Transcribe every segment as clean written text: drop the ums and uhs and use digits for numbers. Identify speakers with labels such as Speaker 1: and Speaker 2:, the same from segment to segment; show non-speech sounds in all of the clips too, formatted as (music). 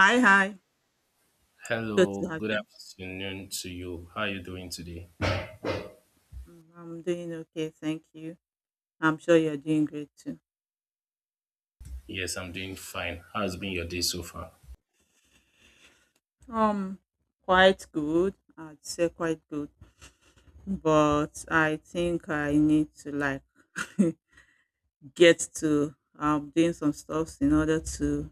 Speaker 1: Hi, hi. Good to
Speaker 2: Hello,
Speaker 1: have
Speaker 2: good
Speaker 1: you.
Speaker 2: afternoon to you. How are you doing today?
Speaker 1: Mm, I'm doing okay, thank you. I'm sure you're doing great too.
Speaker 2: Yes, I'm doing fine. How's been your day so far?
Speaker 1: Um, quite good. I'd say quite good, but I think I need to like (laughs) get to doing some stuffs in order to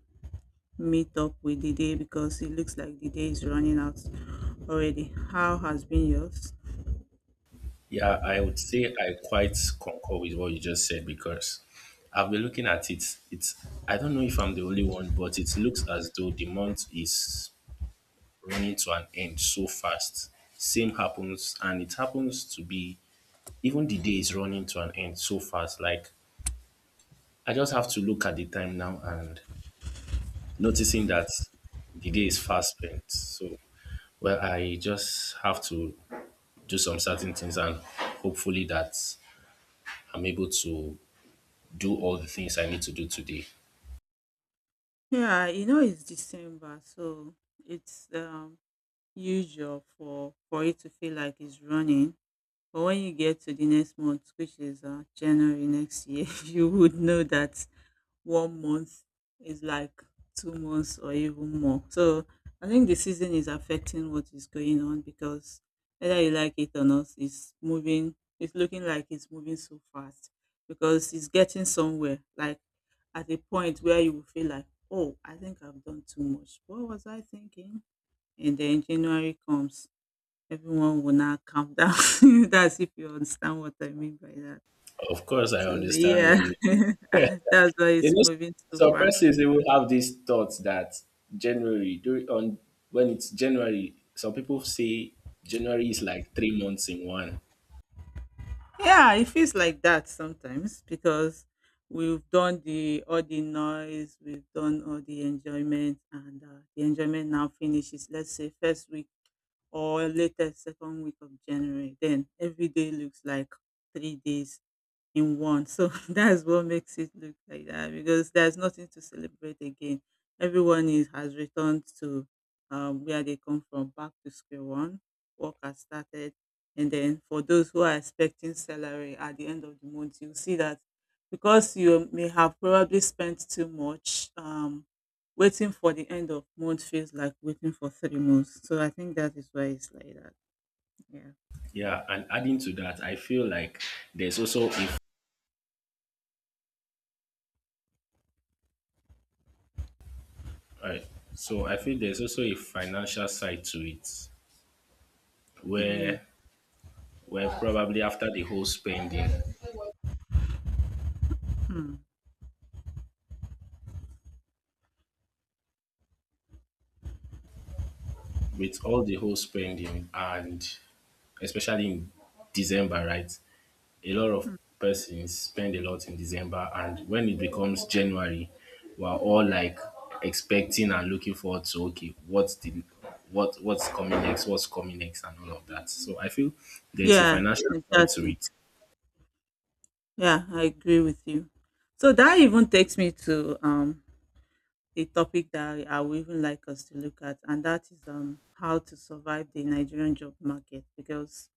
Speaker 1: meet up with the day because it looks like the day is running out already. How has been yours?
Speaker 2: Yeah, I would say I quite concur with what you just said because I've been looking at it. It's, I don't know if I'm the only one, but it looks as though the month is running to an end so fast. Same happens, and it happens to be even the day is running to an end so fast. Like, I just have to look at the time now and noticing that the day is fast spent. So well, I just have to do some certain things, and hopefully that I'm able to do all the things I need to do today.
Speaker 1: Yeah, you know it's December, so it's usual for it to feel like it's running. But when you get to the next month, which is January next year, (laughs) you would know that 1 month is like 2 months or even more. So I think the season is affecting what is going on because whether you like it or not, it's moving, it's looking like it's moving so fast because it's getting somewhere, like at a point where you will feel like, oh, I think I've done too much. What was I thinking? And then January comes. Everyone will now calm down. (laughs) That's if you understand what I mean by that.
Speaker 2: Of course, I
Speaker 1: So
Speaker 2: understand
Speaker 1: yeah,
Speaker 2: what you mean. (laughs)
Speaker 1: (laughs) that's why
Speaker 2: you
Speaker 1: it's
Speaker 2: know,
Speaker 1: moving too
Speaker 2: some
Speaker 1: fast.
Speaker 2: persons, they will have these thoughts that January during on, when it's January, some people say January is like 3 months in one.
Speaker 1: Yeah, it feels like that sometimes because we've done the all the noise, we've done all the enjoyment, and the enjoyment now finishes. Let's say first week or later second week of January. Then every day looks like 3 days in one. So (laughs) that's what makes it look like that because there's nothing to celebrate again. Everyone is has returned to where they come from, back to square one. Work has started, and then for those who are expecting salary at the end of the month, you see that because you may have probably spent too much. Waiting for the end of month feels like waiting for 3 months. So I think that is why it's like that. Yeah.
Speaker 2: Yeah, and adding to that, I feel like there's also, if all right. So I feel there's also a financial side to it
Speaker 1: Mm,
Speaker 2: where, well, probably after the whole spending,
Speaker 1: mm,
Speaker 2: with all the whole spending, and especially in December, right? A lot of
Speaker 1: mm.
Speaker 2: persons spend a lot in December, and when it becomes January, we're all like expecting and looking forward to, okay, what's the, what's coming next, what's coming next, and all of that. So I feel there's a
Speaker 1: Yeah.
Speaker 2: financial side to
Speaker 1: Exactly.
Speaker 2: it.
Speaker 1: Yeah, I agree with you. So that even takes me to a topic that I would even like us to look at, and that is how to survive the Nigerian job market because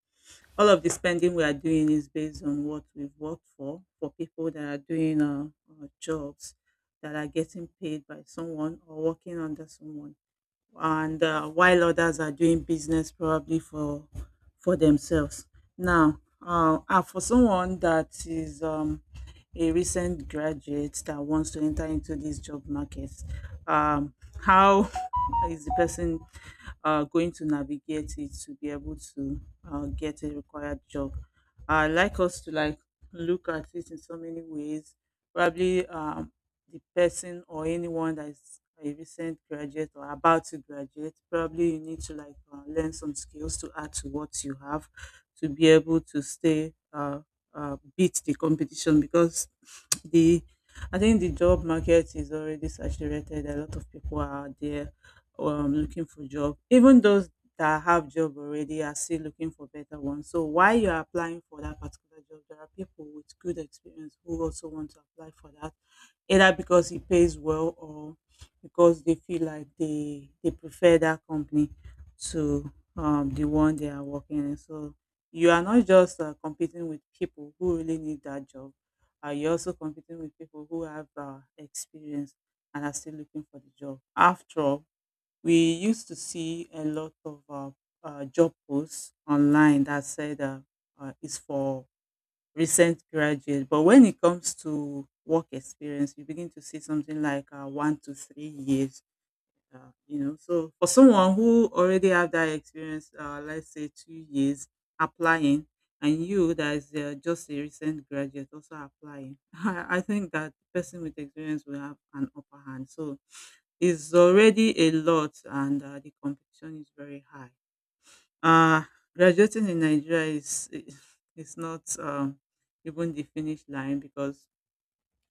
Speaker 1: all of the spending we are doing is based on what we've worked for people that are doing jobs that are getting paid by someone or working under someone, and while others are doing business probably for themselves now, for someone that is a recent graduate that wants to enter into this job market, um, how (laughs) is the person going to navigate it to be able to get a required job. I like us to like look at it in so many ways, probably the person or anyone that is a recent graduate or about to graduate, probably you need to like learn some skills to add to what you have to be able to stay beat the competition because the I think the job market is already saturated. A lot of people are out there looking for job. Even those that have job already are still looking for better ones. So while you're applying for that particular job, there are people with good experience who also want to apply for that either because it pays well or because they feel like they prefer that company to the one they are working in. So you are not just competing with people who really need that job. You're also competing with people who have experience and are still looking for the job. After all, we used to see a lot of job posts online that said it's for recent graduate. But when it comes to work experience, you begin to see something like 1 to 3 years. You know, so for someone who already have that experience, let's say 2 years applying, and you that is just a recent graduate also applying, (laughs) I think that person with experience will have an upper hand. So it's already a lot, and the competition is very high. Uh, graduating in Nigeria is (laughs) its not even the finish line because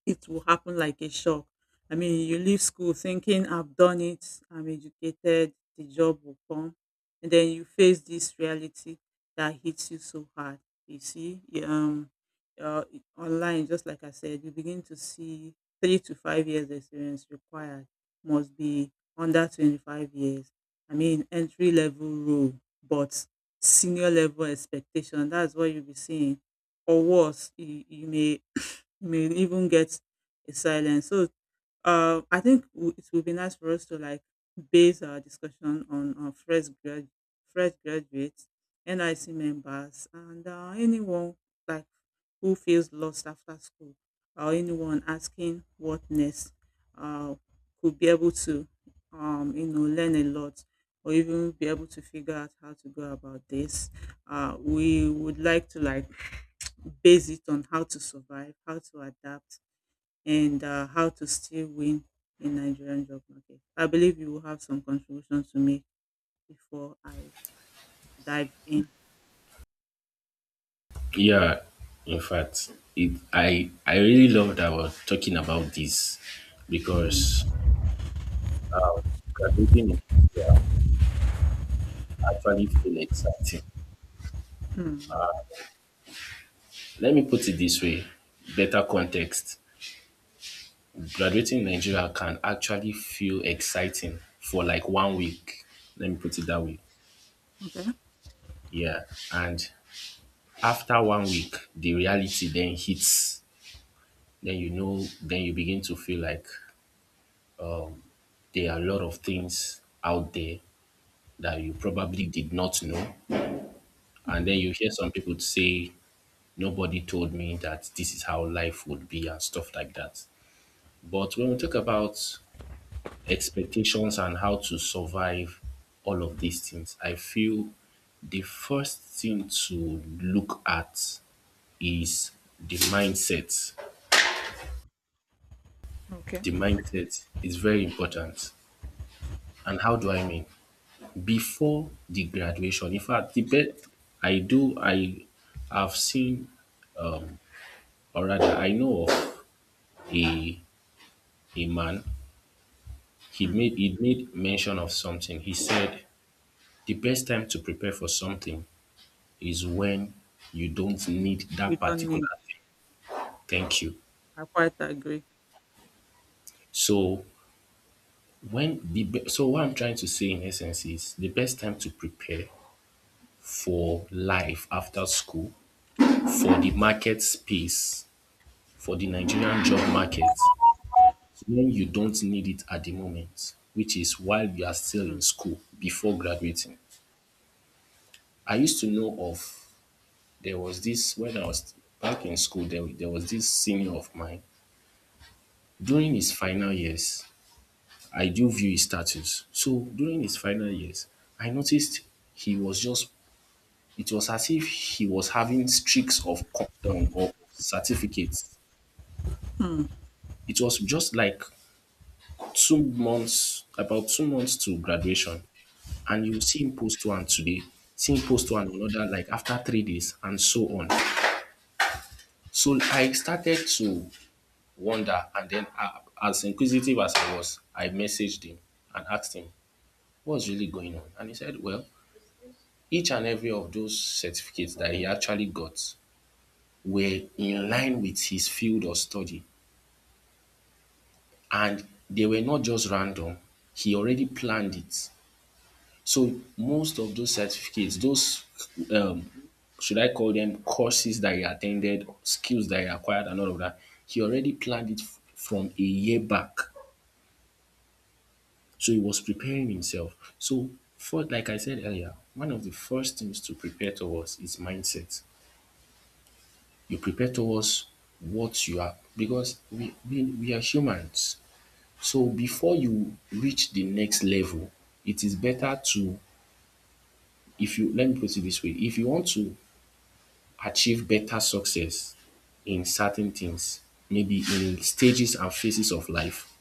Speaker 1: it will happen like a shock. I mean, you leave school thinking, I've done it, I'm educated, the job will come. And then you face this reality that hits you so hard. You see, yeah, online, just like I said, you begin to see 3 to 5 years experience required, must be under 25 years. I mean, entry level role, but senior level expectation. That's what you'll be seeing. Or worse, you may even get a silence. So I think it would be nice for us to like base our discussion on fresh graduates, NIC members, and anyone like who feels lost after school, or anyone asking what next, uh, could be able to, you know, learn a lot. Or even be able to figure out how to go about this. We would like to like base it on how to survive, how to adapt, and how to still win in Nigerian job market. I believe you will have some contribution to make before I dive in.
Speaker 2: Yeah, in fact, it, I really love that we're talking about this
Speaker 1: Hmm.
Speaker 2: because um, graduating in Nigeria actually feel exciting.
Speaker 1: Hmm.
Speaker 2: Let me put it this way, better context. Graduating in Nigeria can actually feel exciting for like 1 week. Let me put it that way.
Speaker 1: Okay.
Speaker 2: Yeah. And after 1 week, the reality then hits. Then you know, then you begin to feel like there are a lot of things out there that you probably did not know. And
Speaker 1: Hmm.
Speaker 2: then you hear some people say, nobody told me that this is how life would be and stuff like that. But when we talk about expectations and how to survive all of these things, I feel the first thing to look at is the mindset.
Speaker 1: Okay.
Speaker 2: The mindset is very important. And how do I mean? Before the graduation, in fact, the best I do, I have seen, um, or rather, I know of a a man. He
Speaker 1: Hmm.
Speaker 2: made he made mention of something. He said the best time to prepare for something is when you don't need
Speaker 1: You
Speaker 2: that
Speaker 1: don't need.
Speaker 2: particular thing. Thank you.
Speaker 1: I quite agree.
Speaker 2: So when the be- so what I'm trying to say in essence is the best time to prepare for life after school, for the market space, for the Nigerian job market, when you don't need it at the moment, which is while you are still
Speaker 1: Hmm.
Speaker 2: in school before graduating. I used to know of, there was this, when I was back in school there, there was this senior of mine
Speaker 1: Hmm.
Speaker 2: during his final years. I do view his status. So during his final years, I noticed he was just, it was as if he was having streaks of countdown or certificates.
Speaker 1: Hmm.
Speaker 2: It was just like 2 months, about 2 months to graduation. And you see him post one today, see him post one another, like after 3 days, and so on. So I started to wonder, and then as inquisitive as I was, I messaged him and asked him, "What's really going on?" And he said, well, each and every of those certificates that he actually got were in line with his field of study, and they were not just random. He already planned it. So most of those certificates, those, um, should I call them courses that he attended, skills that he acquired, and all of that, he already planned it f- from a year back. So he was preparing himself. So, for, like I said earlier, one of the first things to prepare towards is mindset. You prepare towards what you are because we are humans. So before you reach the next level, it is better to, if, you let me put it this way, if you want to achieve better success in certain things, maybe in stages and phases of life,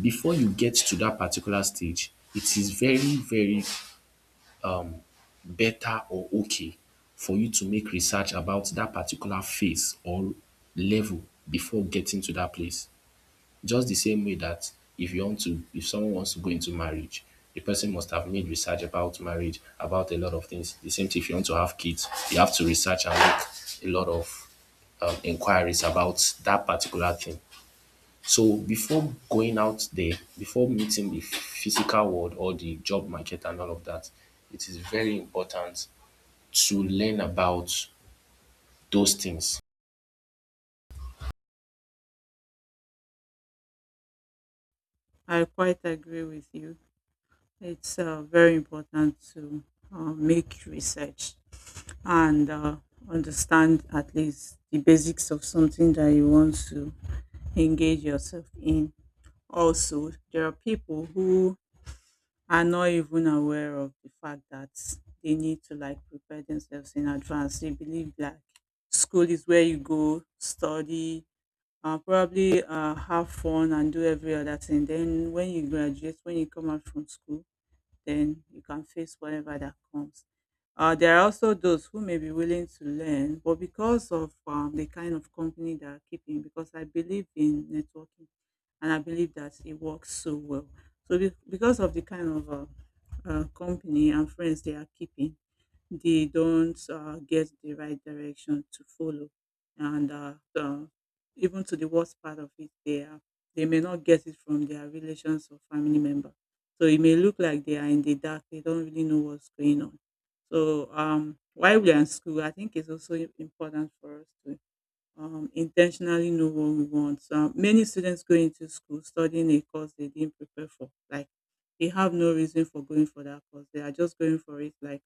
Speaker 2: before you get to that particular stage, it is very, very better or okay for you to make research about that particular phase or level before getting to that place. Just the same way that if you want to, if someone wants to go into marriage, the person must have made research about marriage, about a lot of things. The same thing if you want to have kids, you have to research and make a lot of inquiries about that particular thing. So before going out there, before meeting the physical world or the job market and all of that, it is very important to learn about those things.
Speaker 1: I quite agree with you. It's very important to make research and understand at least the basics of something that you want to engage yourself in. Also, there are people who are not even aware of the fact that they need to like prepare themselves in advance. They believe like school is where you go, study, probably have fun and do every other thing. Then when you graduate, when you come out from school, then you can face whatever that comes. There are also those who may be willing to learn, but because of the kind of company they are keeping, because I believe in networking and I believe that it works so well. So, because of the kind of company and friends they are keeping, they don't get the right direction to follow, and even to the worst part of it, they may not get it from their relations or family member, so it may look like they are in the dark, they don't really know what's going on. So while we are in school, I think it's also important for us to intentionally know what we want. So many students go into school studying a course they didn't prepare for. Like, they have no reason for going for that course, they are just going for it. Like,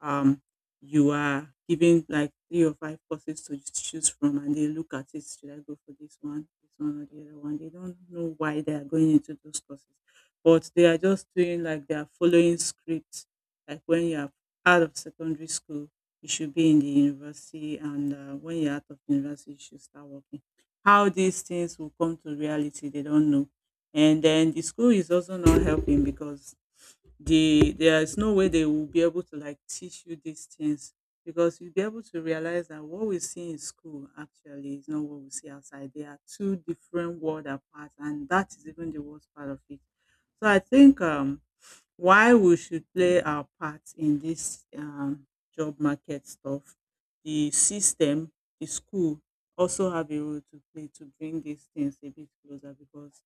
Speaker 1: um, you are given like three or five courses to choose from, and they look at it, should I go for this one, this one, or the other one? They don't know why they are going into those courses, but they are just doing like they are following scripts. Like, when you are out of secondary school, you should be in the university, and when you're out of university you should start working. How these things will come to reality, they don't know. And then the school is also not helping because there is no way they will be able to like teach you these things, because you'll be able to realize that what we see in school actually is not what we see outside. They are two different world apart, and that is even the worst part of it. So I think why we should play our part in this job market stuff, the system, the school also have a role to play to bring these things a bit closer because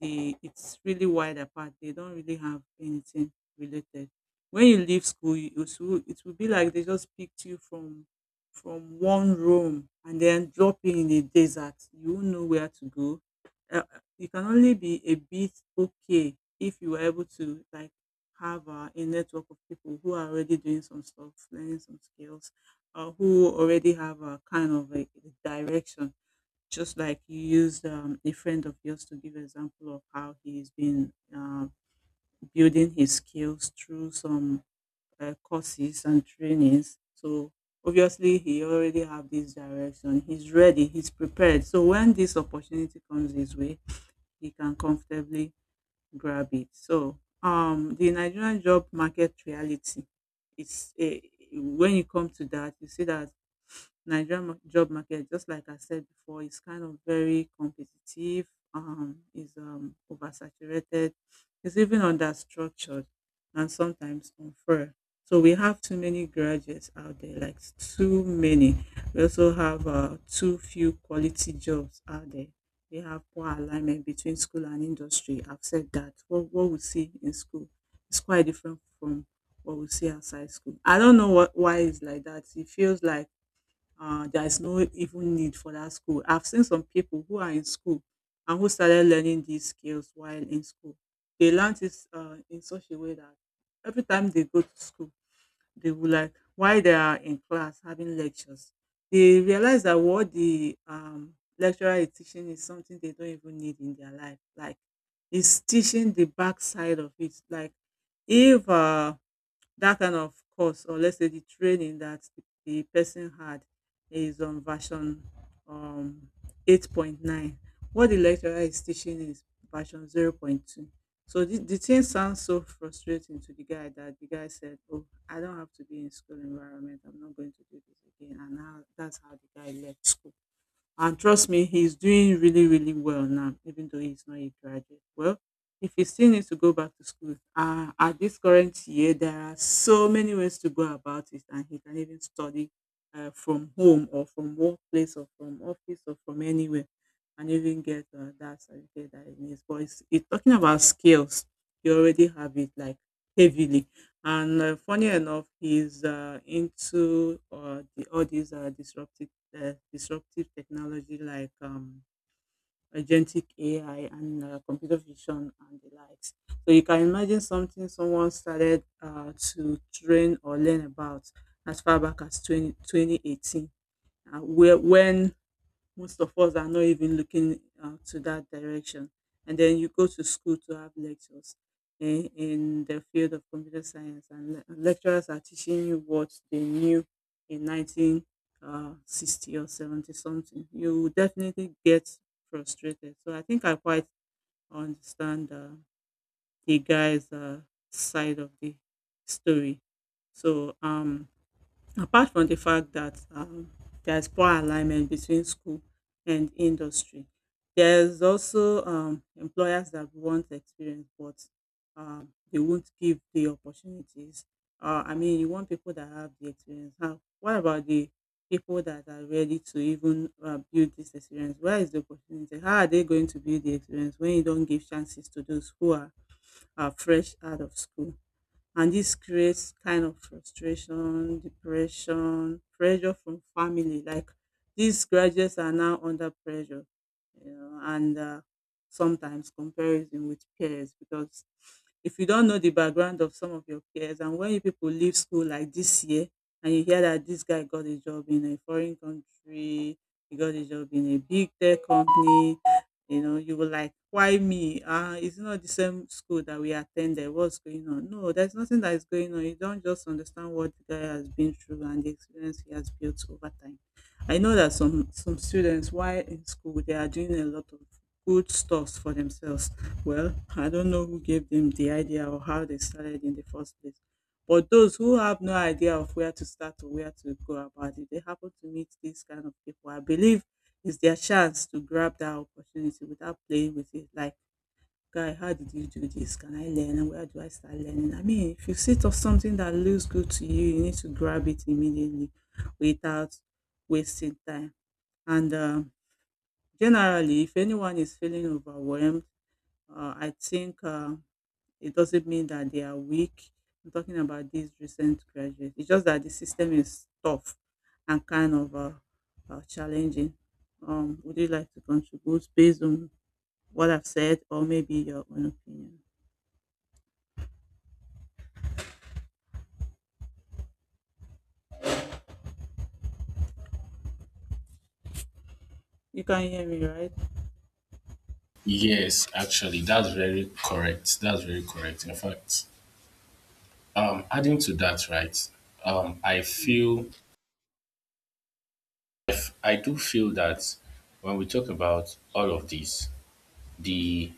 Speaker 1: the it's really wide apart. They don't really have anything related. When you leave school, it will be like they just picked you from one room and then drop you in the desert. You won't know where to go. You can only be a bit okay if you were able to like have a network of people who are already doing some stuff, learning some skills, or who already have a kind of like, a direction. Just like you used a friend of yours to give example of how he's been building his skills through some courses and trainings. So obviously he already have this direction, he's ready, he's prepared, so when this opportunity comes his way he can comfortably grab it. So the Nigerian job market reality, it's a, when you come to that you see that Nigerian job market, just like I said before, is kind of very competitive, is oversaturated, is even understructured, and sometimes unfair. So we have too many graduates out there, like too many. We also have too few quality jobs out there. We have poor alignment between school and industry. I've said that. What we see in school is quite different from what we see outside school. I don't know why it's like that. It feels like there is no even need for that school. I've seen some people who are in school and who started learning these skills while in school. They learned it in such a way that every time they go to school, they will like while they are in class having lectures, they realize that what the lecturer is teaching is something they don't even need in their life. Like, it's teaching the backside of it. Like, if that kind of course, or let's say the training that the person had is on version um 8.9, what the lecturer is teaching is version 0. 0.2. So the thing sounds so frustrating to the guy that the guy said, oh, I don't have to be in school environment, I'm not going to do this again. And now that's how the guy left school. And trust me, he's doing really, really well now, even though he's not a graduate. Well, if he still needs to go back to school, at this current year, there are so many ways to go about it, and he can even study from home or from workplace or from office or from anywhere and even get that certificate that he needs. But it's talking about skills, he already have it like heavily. And funny enough, he's into all these disruptive technology like agentic AI and computer vision and the likes. So you can imagine something someone started to train or learn about as far back as 20 2018. When most of us are not even looking to that direction. And then you go to school to have lectures in the field of computer science, and lecturers are teaching you what they knew in 1960 or 70 something. You will definitely get frustrated. So I think I quite understand the guy's side of the story. So apart from the fact that there's poor alignment between school and industry, there's also employers that want experience, but they won't give the opportunities. I mean, you want people that have the experience. How? What about the people that are ready to even build this experience? Where is the opportunity? How are they going to build the experience when you don't give chances to those who are fresh out of school? And this creates kind of frustration, depression, pressure from family. Like these graduates are now under pressure, you know, and sometimes comparison with peers. Because if you don't know the background of some of your peers, and when you people leave school like this year and you hear that this guy got a job in a foreign country, he got a job in a big tech company, you know, you were like, why me? It's not the same school that we attended. What's going on? No, there's nothing that is going on. You don't just understand what the guy has been through and the experience he has built over time. I know that some students while in school, they are doing a lot of good stuffs for themselves. Well, I don't know who gave them the idea or how they started in the first place. But those who have no idea of where to start or where to go about it, they happen to meet these kind of people. I believe it's their chance to grab that opportunity without playing with it. Like, guy, how did you do this? Can I learn? And where do I start learning? I mean, if you see to something that looks good to you, you need to grab it immediately without wasting time. And generally, if anyone is feeling overwhelmed, I think it doesn't mean that they are weak. I'm talking about these recent graduates. It's just that the system is tough and kind of challenging. Would you like to contribute based on what I've said, or maybe your own opinion? You can hear me, right?
Speaker 2: Yes, actually, that's very correct. That's very correct. In fact, adding to that, right? I feel, I f- I do feel that when we talk about all of this, the